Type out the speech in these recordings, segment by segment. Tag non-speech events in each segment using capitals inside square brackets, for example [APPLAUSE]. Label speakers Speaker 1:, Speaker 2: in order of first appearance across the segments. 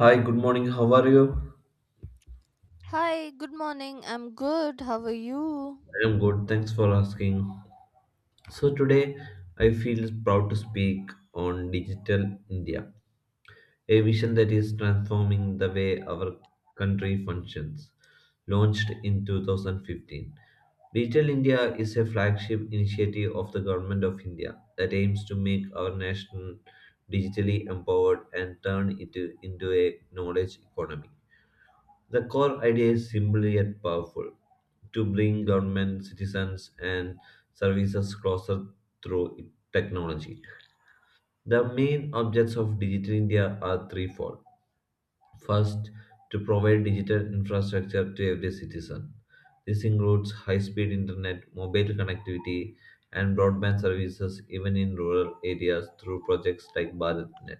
Speaker 1: Hi, good morning. How are you?
Speaker 2: Hi, good morning. I'm good. How are you?
Speaker 1: I am good. Thanks for asking. So, today I feel proud to speak on Digital India, a vision that is transforming the way our country functions. Launched in 2015, Digital India is a flagship initiative of the Government of India that aims to make our nation digitally empowered and turn it into a knowledge economy. The core idea is simple yet powerful: to bring government, citizens, and services closer through technology. The main objects of Digital India are threefold. First, to provide digital infrastructure to every citizen. This includes high speed internet, mobile connectivity, and broadband services even in rural areas through projects like BharatNet.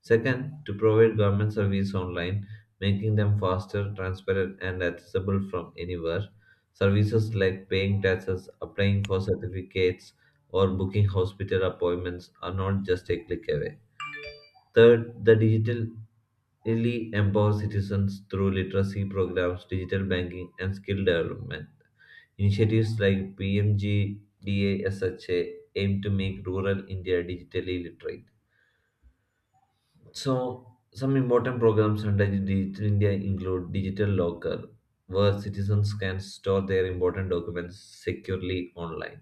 Speaker 1: Second, to provide government service online, making them faster, transparent, and accessible from anywhere. Services like paying taxes, applying for certificates, or booking hospital appointments are not just a click away. Third, the digital really empower citizens through literacy programs, digital banking, and skill development. Initiatives like PMGDASHA aim to make rural India digitally literate. So, some important programs under Digital India include Digital Locker, where citizens can store their important documents securely online,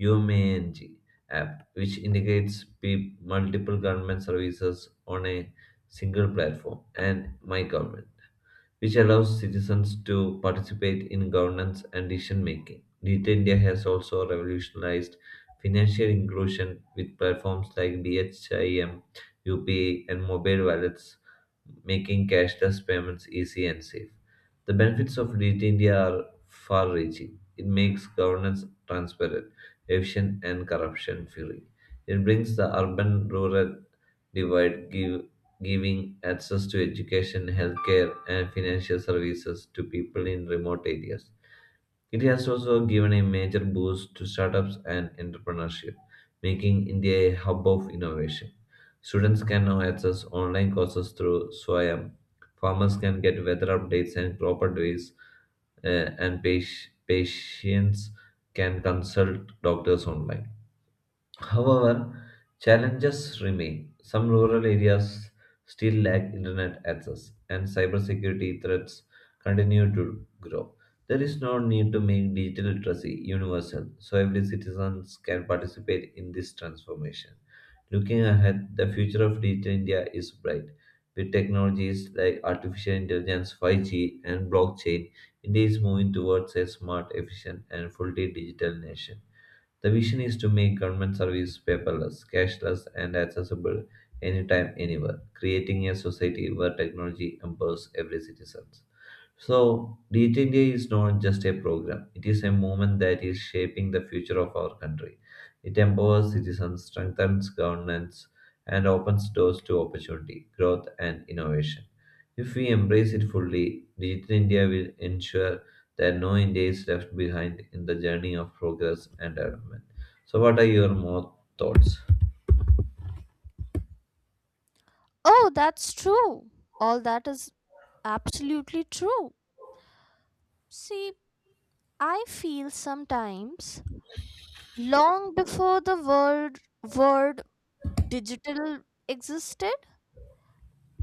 Speaker 1: UMANG app, which integrates multiple government services on a single platform, and MyGov, which allows citizens to participate in governance and decision making. Digital India has also revolutionized financial inclusion with platforms like BHIM, UPI, and mobile wallets, making cashless payments easy and safe. The benefits of Digital India are far reaching. It makes governance transparent, efficient, and corruption free. It brings the urban rural divide, giving access to education, healthcare, and financial services to people in remote areas. It has also given a major boost to startups and entrepreneurship, making India a hub of innovation. Students can now access online courses through Swayam. Farmers can get weather updates and crop advice, and patients can consult doctors online. However, challenges remain. Some rural areas still lack internet access, and cybersecurity threats continue to grow. There is no need to make digital literacy universal so every citizen can participate in this transformation. Looking ahead, the future of digital India is bright. With technologies like artificial intelligence, 5G, and blockchain, India is moving towards a smart, efficient, and fully digital nation. The vision is to make government service paperless, cashless, and accessible anytime, anywhere, creating a society where technology empowers every citizen. So, Digital India is not just a program, it is a movement that is shaping the future of our country. It empowers citizens, strengthens governance, and opens doors to opportunity, growth, and innovation. If we embrace it fully, Digital India will ensure that no India is left behind in the journey of progress and development. So, what are your more thoughts?
Speaker 2: Oh, that's true. All that is absolutely true. See, I feel sometimes long before the word digital existed,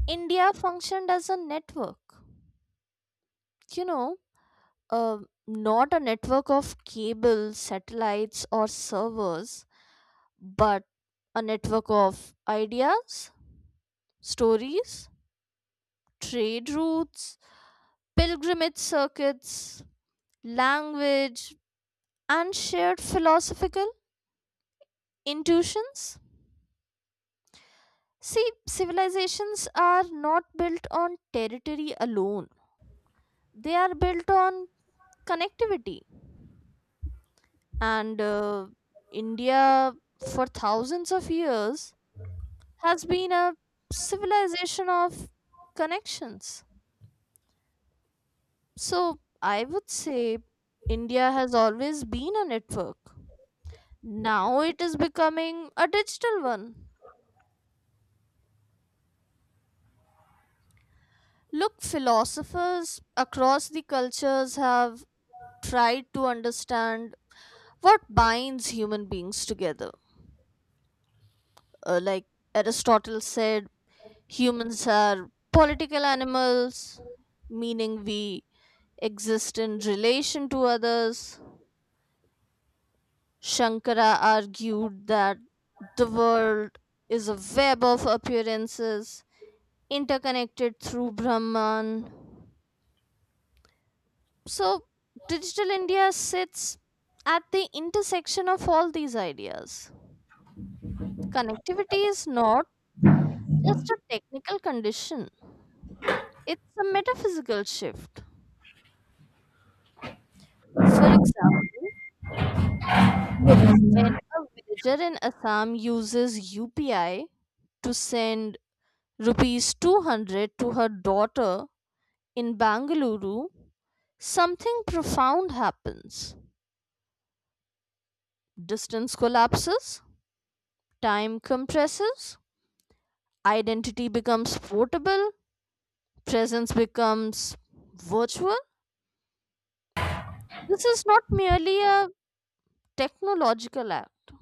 Speaker 2: India functioned as a network. You know, uh, not a network of cables, satellites, or servers, but a network of ideas, stories, trade routes, pilgrimage circuits, language, and shared philosophical intuitions. See, civilizations are not built on territory alone, they are built on connectivity. And India, for thousands of years, has been a civilization of connections. So, I would say India has always been a network. Now it is becoming a digital one. Look, philosophers across the cultures have tried to understand what binds human beings together. Like Aristotle said, humans are political animals, meaning we exist in relation to others. Shankara argued that the world is a web of appearances interconnected through Brahman. So, Digital India sits at the intersection of all these ideas. Connectivity is not just a technical condition, it's a metaphysical shift. For example, look, when a villager in Assam uses UPI to send rupees 200 to her daughter in Bangalore, something profound happens. Distance collapses, time compresses, identity becomes portable, presence becomes virtual. This is not merely a technological act,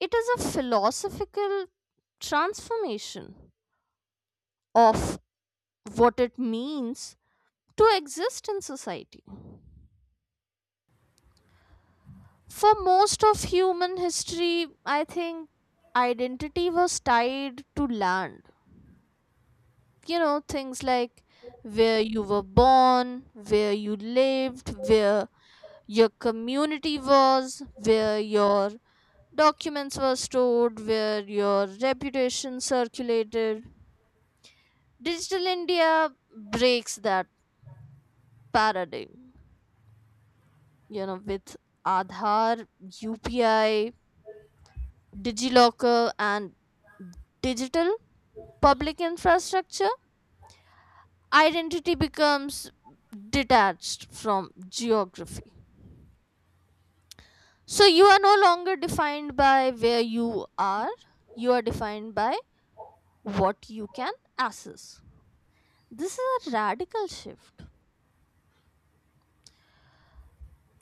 Speaker 2: it is a philosophical transformation of what it means to exist in society. For most of human history, I think identity was tied to land. You know, things like where you were born, where you lived, where your community was, where your documents were stored, where your reputation circulated. Digital India breaks that paradigm. You know, with Aadhaar, UPI, DigiLocker, and digital public infrastructure, identity becomes detached from geography. So you are no longer defined by where you are defined by what you can access. This is a radical shift.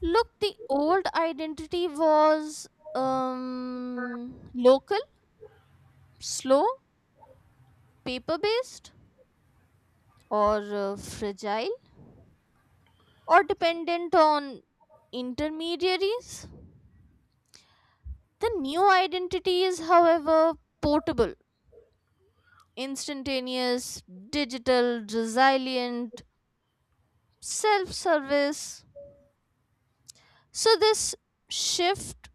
Speaker 2: Look, the old identity was local, slow, paper based, or fragile, or dependent on intermediaries. The new identity is, however, portable, instantaneous, digital, resilient, self service. So, this shift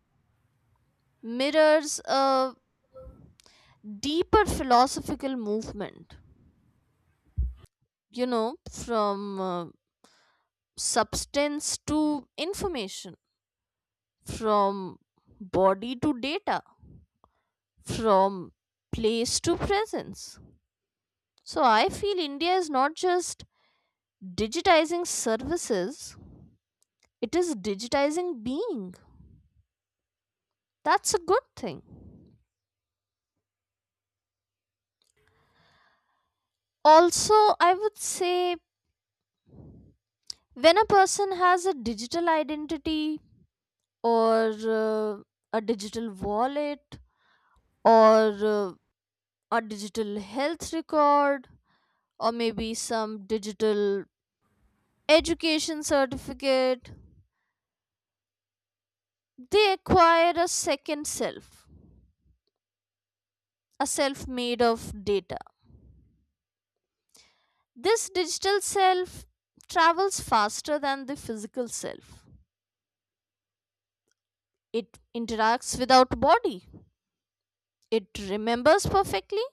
Speaker 2: mirrors a deeper philosophical movement, from substance to information, from body to data, from place to presence. So I feel India is not just digitizing services, it is digitizing being. That's a good thing. Also, I would say when a person has a digital identity, or uh, a digital wallet, or uh, a digital health record, or maybe some digital education certificate, they acquire a second self, a self made of data. This digital self travels faster than the physical self. It interacts without body. It remembers perfectly.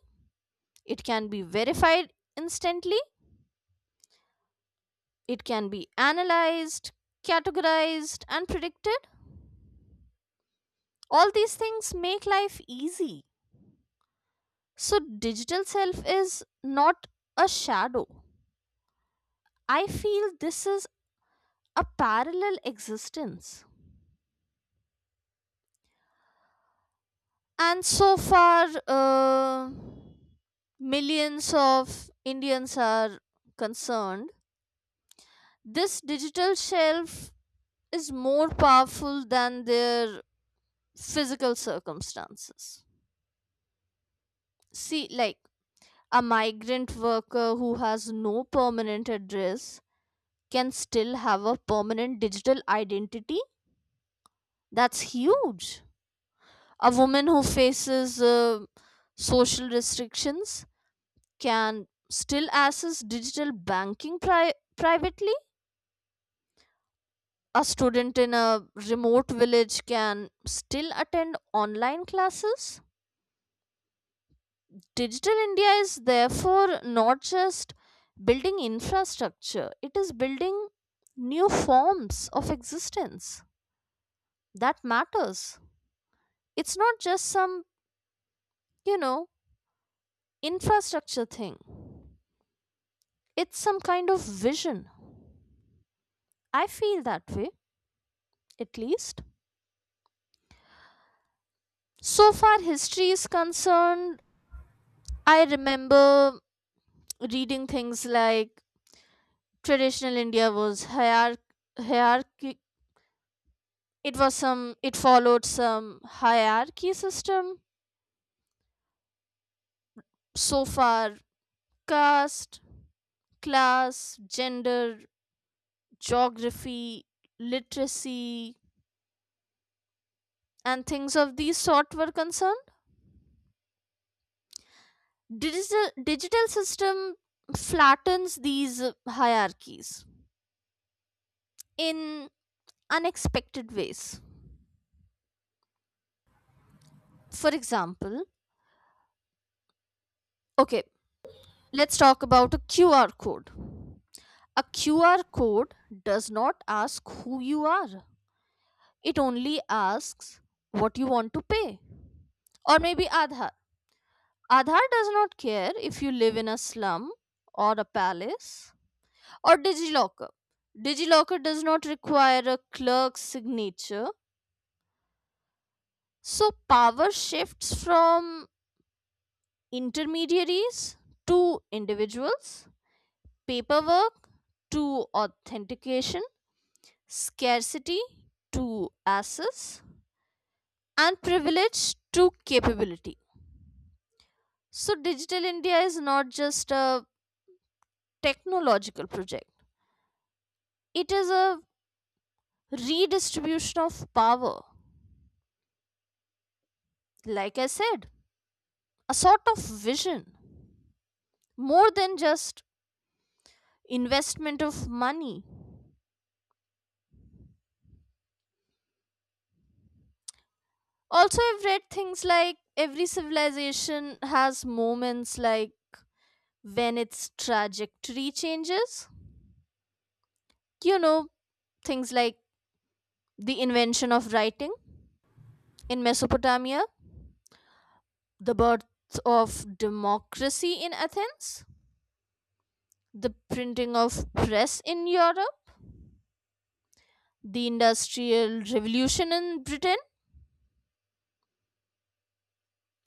Speaker 2: It can be verified instantly. It can be analyzed, categorized, and predicted. All these things make life easy. So, digital self is not a shadow. I feel this is a parallel existence. And so far, millions of Indians are concerned, this digital shelf is more powerful than their physical circumstances. See, like a migrant worker who has no permanent address can still have a permanent digital identity. That's huge. A woman who faces social restrictions can still access digital banking privately. A student in a remote village can still attend online classes. Digital India is therefore not just building infrastructure, it is building new forms of existence. That matters. It's not just some you know, infrastructure thing. It's some kind of vision. I feel that way, at least. So far, history is concerned, I remember reading things like traditional India was hierarchy. It was some, it followed some hierarchy system. So far, caste, class, gender, geography, literacy, and things of these sort were concerned, digital system flattens these hierarchies in unexpected ways. For example, okay, let's talk about a QR code. A QR code does not ask who you are, it only asks what you want to pay. Or maybe Aadhaar. Aadhaar does not care if you live in a slum or a palace. Or DigiLocker. DigiLocker does not require a clerk's signature. So power shifts from intermediaries to individuals, paperwork to authentication, scarcity to access, and privilege to capability. So Digital India is not just a technological project, it is a redistribution of power. Like I said, a sort of vision more than just investment of money. Also, I've read things like every civilization has moments like when its trajectory changes. You know, things like the invention of writing in Mesopotamia, the birth of democracy in Athens, the printing of press in Europe, the industrial revolution in Britain.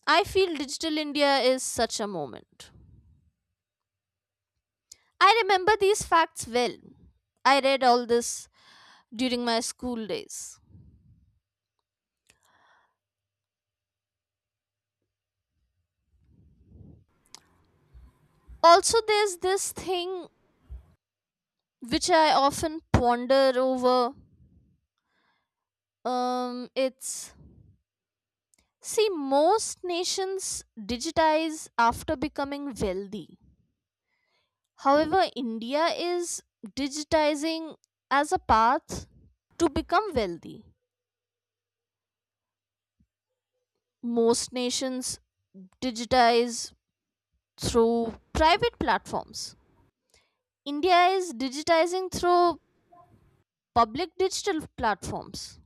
Speaker 2: I feel digital India is such a moment. I remember these facts well. I read all this during my school days. Also, there's this thing which I often ponder over. It's, see, most nations digitize after becoming wealthy. However, India is digitizing as a path to become wealthy. Most nations digitize through private platforms. India is digitizing through public digital platforms.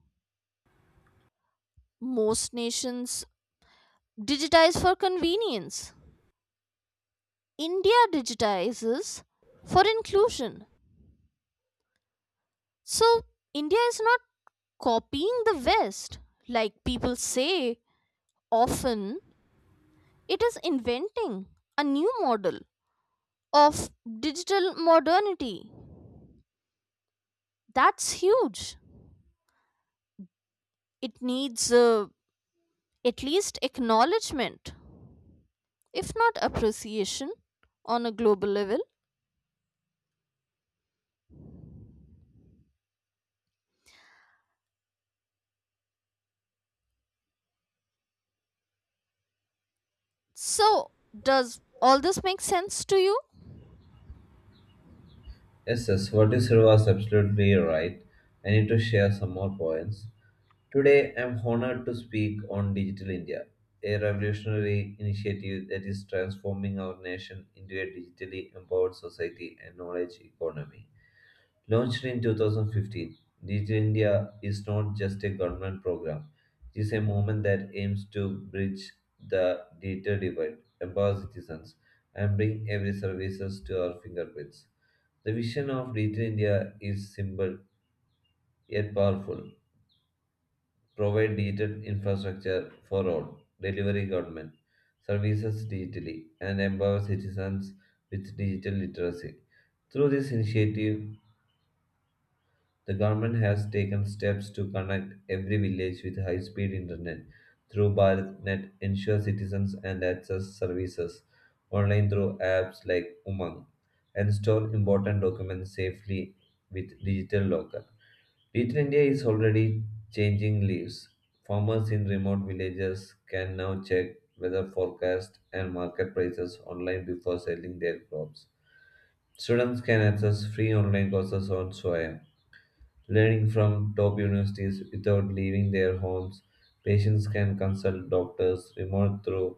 Speaker 2: Most nations digitize for convenience. India digitizes for inclusion. So, India is not copying the West, like people say often. It is inventing a new model of digital modernity. That's huge. It needs at least acknowledgement, if not appreciation, on a global level. So, does all this make sense to you?
Speaker 1: Yes, yes, what you said was absolutely right. I need to share some more points. Today, I'm honored to speak on Digital India, a revolutionary initiative that is transforming our nation into a digitally empowered society and knowledge economy. Launched in 2015, Digital India is not just a government program, it is a movement that aims to bridge the digital divide, empower citizens, and bring every services to our fingerprints. The vision of Digital India is simple yet powerful: provide digital infrastructure for all, delivery government services digitally, and empower citizens with digital literacy. Through this initiative, the government has taken steps to connect every village with high speed internet through BharatNet, ensure citizens and access services online through apps like Umang, and store important documents safely with digital locker. Digital India is already changing lives. Farmers in remote villages can now check weather forecast and market prices online before selling their crops. Students can access free online courses on soil learning from top universities without leaving their homes. Patients can consult doctors remote through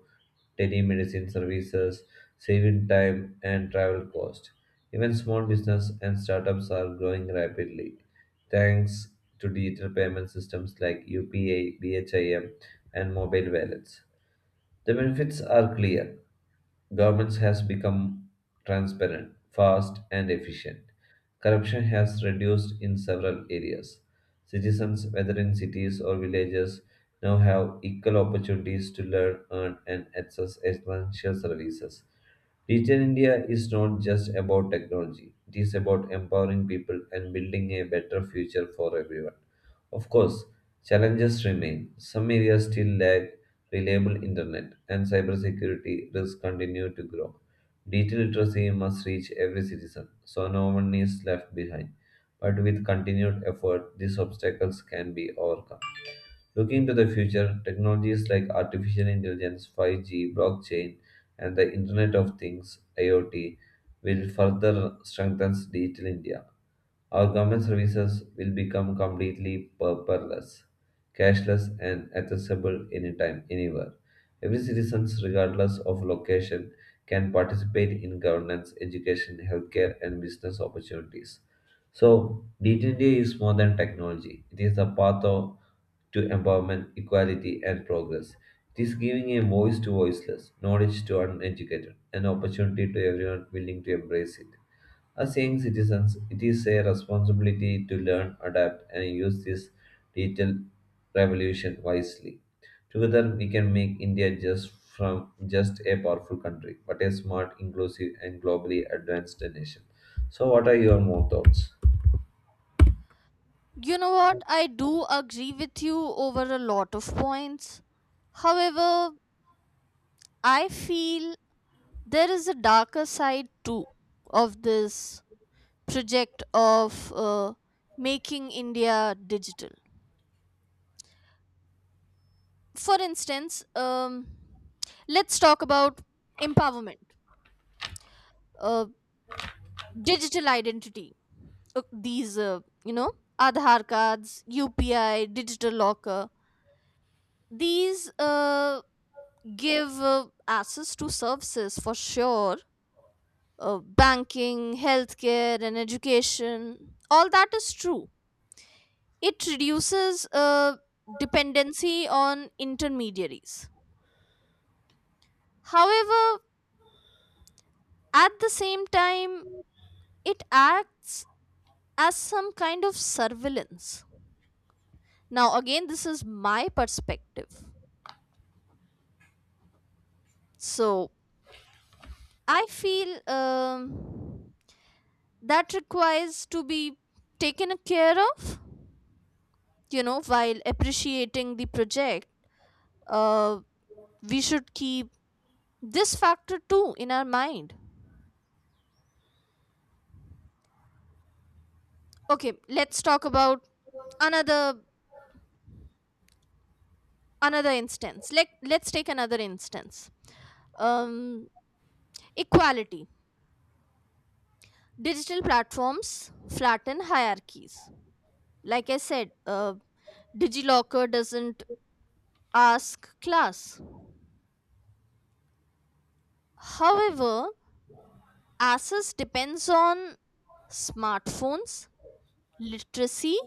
Speaker 1: telemedicine services, saving time and travel cost. Even small business and startups are growing rapidly thanks to digital payment systems like UPA, BHIM, and mobile wallets. The benefits are clear. Governments has become transparent, fast, and efficient. Corruption has reduced in several areas. Citizens, whether in cities or villages, now have equal opportunities to learn, earn, and access essential services. Digital India is not just about technology, it is about empowering people and building a better future for everyone. Of course, challenges remain. Some areas still lack reliable internet, and cybersecurity risks continue to grow. Digital literacy must reach every citizen, so no one is left behind. But with continued effort, these obstacles can be overcome. Looking to the future, technologies like artificial intelligence, 5G, blockchain, and the Internet of Things, IoT, will further strengthen digital India. Our government services will become completely paperless, cashless, and accessible anytime, anywhere. Every citizen, regardless of location, can participate in governance, education, healthcare, and business opportunities. So, d 2 is more than technology. It is to empowerment, equality, and progress. It is giving a voice to voiceless, knowledge to uneducated, and opportunity to everyone willing to embrace it. As young citizens, it is a responsibility to learn, adapt, and use this digital revolution wisely. Together, we can make India just a powerful country, but a smart, inclusive, and globally advanced nation. So, what are your more thoughts?
Speaker 2: You know what? I do agree with you over a lot of points. However, I feel there is a darker side too of this project of making India digital. For instance, let's talk about empowerment, uh, digital identity. These, Aadhaar cards, UPI, digital locker. These give access to services, for sure. Banking, healthcare, and education, all that is true. It reduces dependency on intermediaries. However, at the same time, it acts as some kind of surveillance. Now again, this is my perspective. So I feel um, that requires to be taken care of. You know, while appreciating the project, uh, we should keep this factor too in our mind. Okay, let's talk about another another instance. Let's take another instance. um, equality. Digital platforms flatten hierarchies, like I said. DigiLocker doesn't ask class. However, access depends on smartphones, literacy,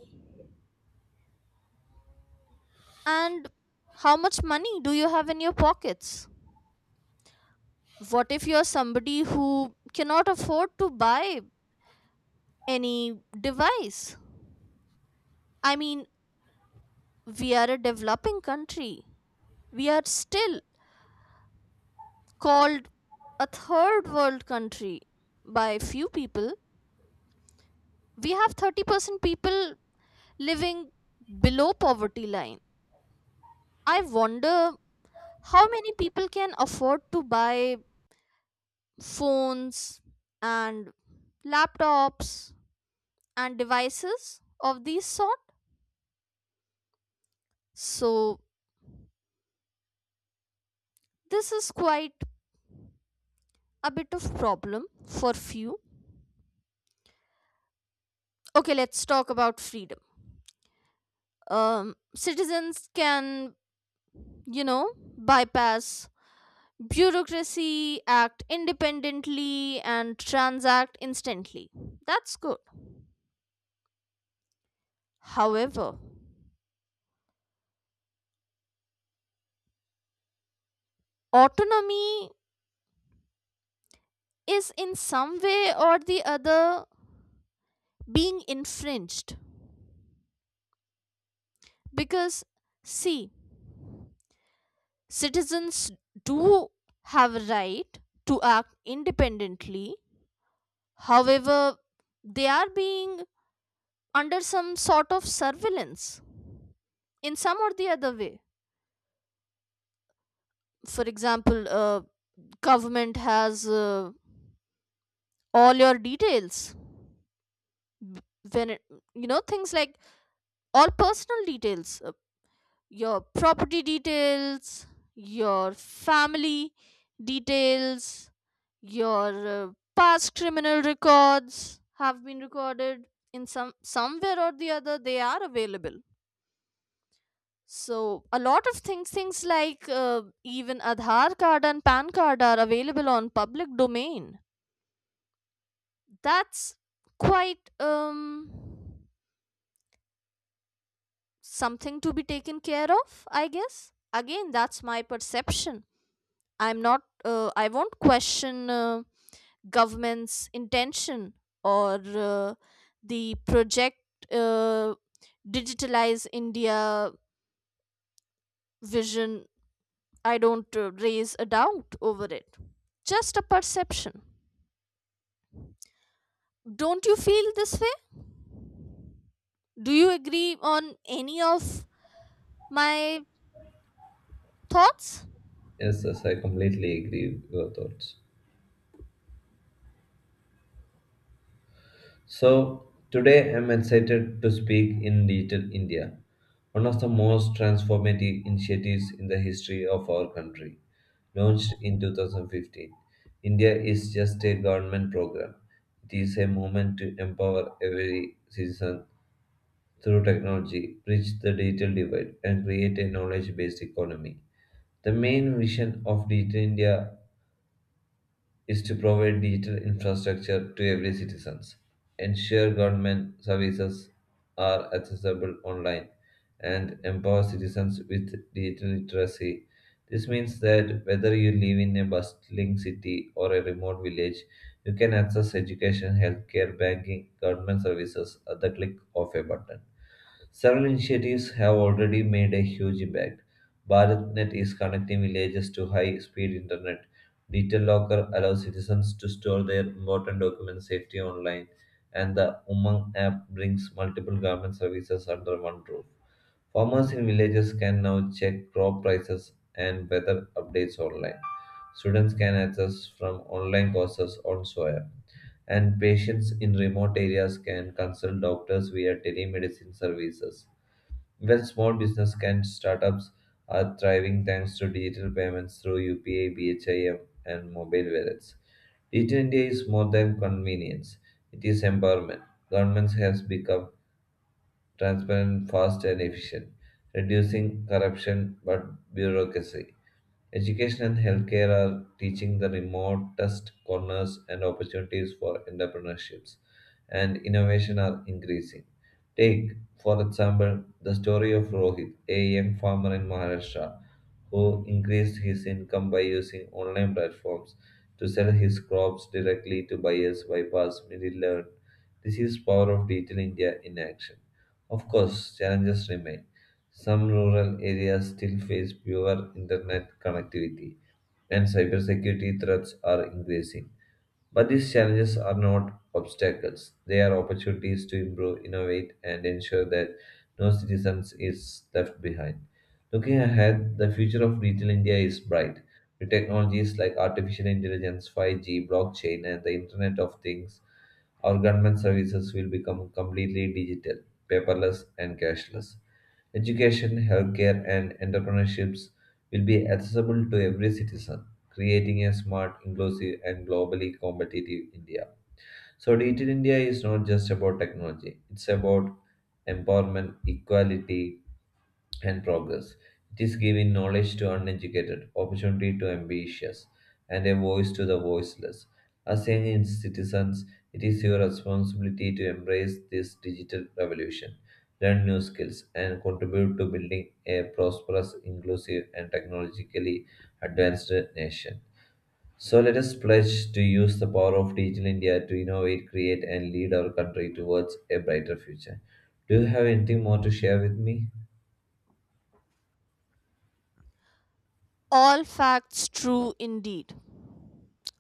Speaker 2: and how much money do you have in your pockets? What if you're somebody who cannot afford to buy any device? I mean, we are a developing country. We are still called a third world country by few people. We have 30% people living below poverty line. I wonder how many people can afford to buy phones and laptops and devices of these sort. So this is quite a bit of problem for few. Okay, let's talk about freedom. Citizens can, you know, bypass bureaucracy, act independently, and transact instantly. That's good. However, autonomy is in some way or the other being infringed. Because, see, citizens do have a right to act independently. However, they are being under some sort of surveillance in some or the other way. For example, government has all your details b- when it, you know, things like all personal details, your property details, your family details, your past criminal records have been recorded in some somewhere or the other. They are available. So a lot of things, things like even Aadhaar card and PAN card are available on public domain. That's quite something to be taken care of, I guess. Again, that's my perception. I'm not. I won't question. Government's intention or the project uh, digitalize India vision. I don't raise a doubt over it. Just a perception. Don't you feel this way? Do you agree on any of my thoughts?
Speaker 1: Yes, yes, I completely agree with your thoughts. So, today I'm excited to speak in Digital India, one of the most transformative initiatives in the history of our country. Launched in 2015, India is just a government program. It is a movement to empower every citizen through technology, bridge the digital divide, and create a knowledge based economy. The main vision of Digital India is to provide digital infrastructure to every citizens, ensure government services are accessible online, and empower citizens with digital literacy. This means that whether you live in a bustling city or a remote village, you can access education, healthcare, banking, government services at the click of a button. Several initiatives have already made a huge impact. BharatNet is connecting villages to high speed internet. Digital Locker allows citizens to store their important document safely online. And the Umang app brings multiple government services under one roof. Farmers in villages can now check crop prices and weather updates online. Students can access from online courses on soil and patients in remote areas can consult doctors via telemedicine services. Even small business can startups are thriving thanks to digital payments through UPI, BHIM, and mobile wallets. Digital India is more than convenience; it is empowerment. Governments has become transparent, fast, and efficient, reducing corruption but bureaucracy. Education and healthcare are teaching the remotest corners and opportunities for entrepreneurships, and innovation are increasing. Take, for example, the story of Rohit, a young farmer in Maharashtra who increased his income by using online platforms to sell his crops directly to buyers bypass middlemen. This is power of digital India in action. Of course, challenges remain. Some rural areas still face poor internet connectivity, and cybersecurity threats are increasing. But these challenges are not obstacles, they are opportunities to improve, innovate, and ensure that no citizen is left behind. Looking ahead, the future of digital India is bright. With technologies like artificial intelligence, 5G, blockchain, and the Internet of Things, our government services will become completely digital, paperless, and cashless. Education, healthcare, and entrepreneurships will be accessible to every citizen, creating a smart, inclusive, and globally competitive India. So, Digital India is not just about technology, it's about empowerment, equality, and progress. It is giving knowledge to uneducated, opportunity to ambitious, and a voice to the voiceless. As young citizens, it is your responsibility to embrace this digital revolution, learn new skills, and contribute to building a prosperous, inclusive, and technologically advanced nation. So let us pledge to use the power of Digital India to innovate, create, and lead our country towards a brighter future. Do you have anything more to share with me?
Speaker 2: All facts true indeed.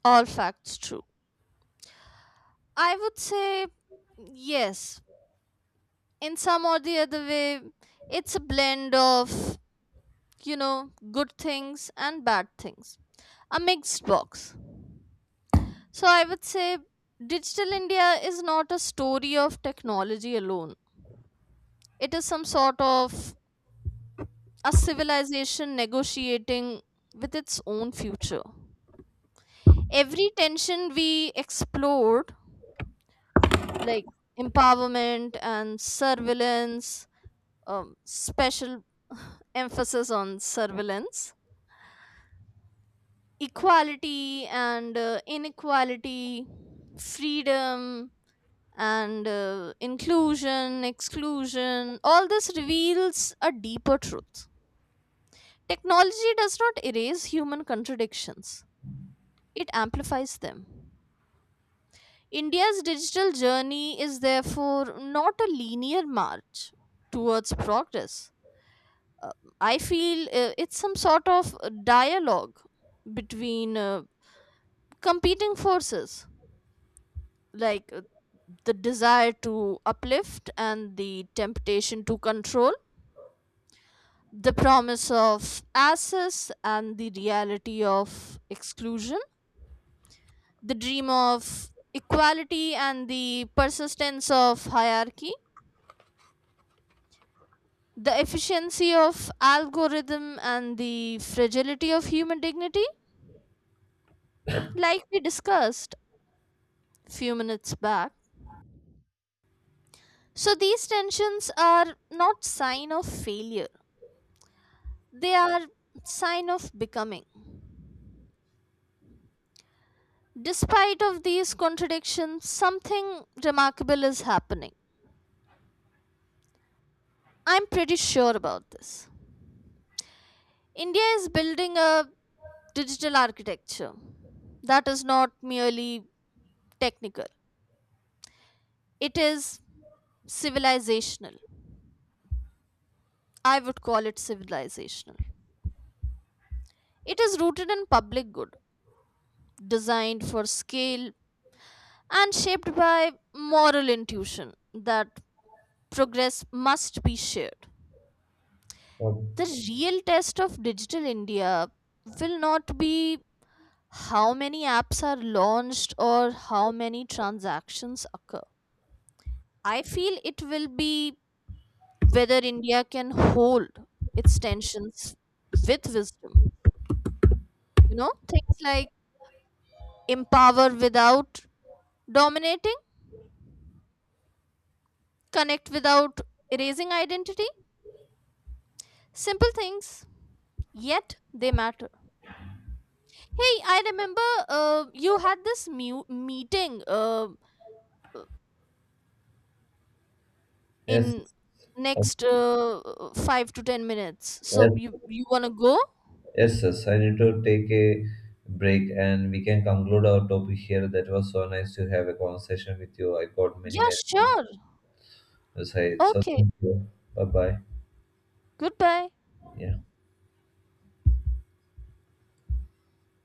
Speaker 2: All facts true. I would say yes. In some or the other way, it's a blend of, good things and bad things, a mixed box. So I would say Digital India is not a story of technology alone, it is some sort of a civilization negotiating with its own future. Every tension we explored, like empowerment and surveillance, special [LAUGHS] [SIGHS] emphasis on surveillance, equality and inequality, freedom and inclusion, exclusion, all this reveals a deeper truth. Technology does not erase human contradictions, it amplifies them. India's digital journey is therefore not a linear march towards progress. Uh, I feel it's some sort of a dialogue between competing forces, like the desire to uplift and the temptation to control, the promise of access and the reality of exclusion, the dream of equality and the persistence of hierarchy, the efficiency of algorithm and the fragility of human dignity, like we discussed few minutes back. So these tensions are not sign of failure. They are sign of becoming. Despite of these contradictions, something remarkable is happening. I'm pretty sure about this. India is building a digital architecture that is not merely technical. It is civilizational. I would call it civilizational. It is rooted in public good, designed for scale, and shaped by moral intuition that progress must be shared.
Speaker 1: Or
Speaker 2: The real test of digital India will not be how many apps are launched or how many transactions occur. I feel it will be whether India can hold its tensions with wisdom. You know, things like empower without dominating, connect without erasing identity, simple things, yet they matter. Hey, I remember you had this meeting
Speaker 1: Yes,
Speaker 2: in
Speaker 1: yes,
Speaker 2: next 5 to 10 minutes. So
Speaker 1: yes,
Speaker 2: you want to go?
Speaker 1: yes. I need to take a break and we can conclude our topic here. That was so nice to have a conversation with you. I got many,
Speaker 2: Yeah,
Speaker 1: many
Speaker 2: sure.
Speaker 1: insights. So,
Speaker 2: Okay.
Speaker 1: thank you. Bye bye.
Speaker 2: Goodbye.
Speaker 1: Yeah.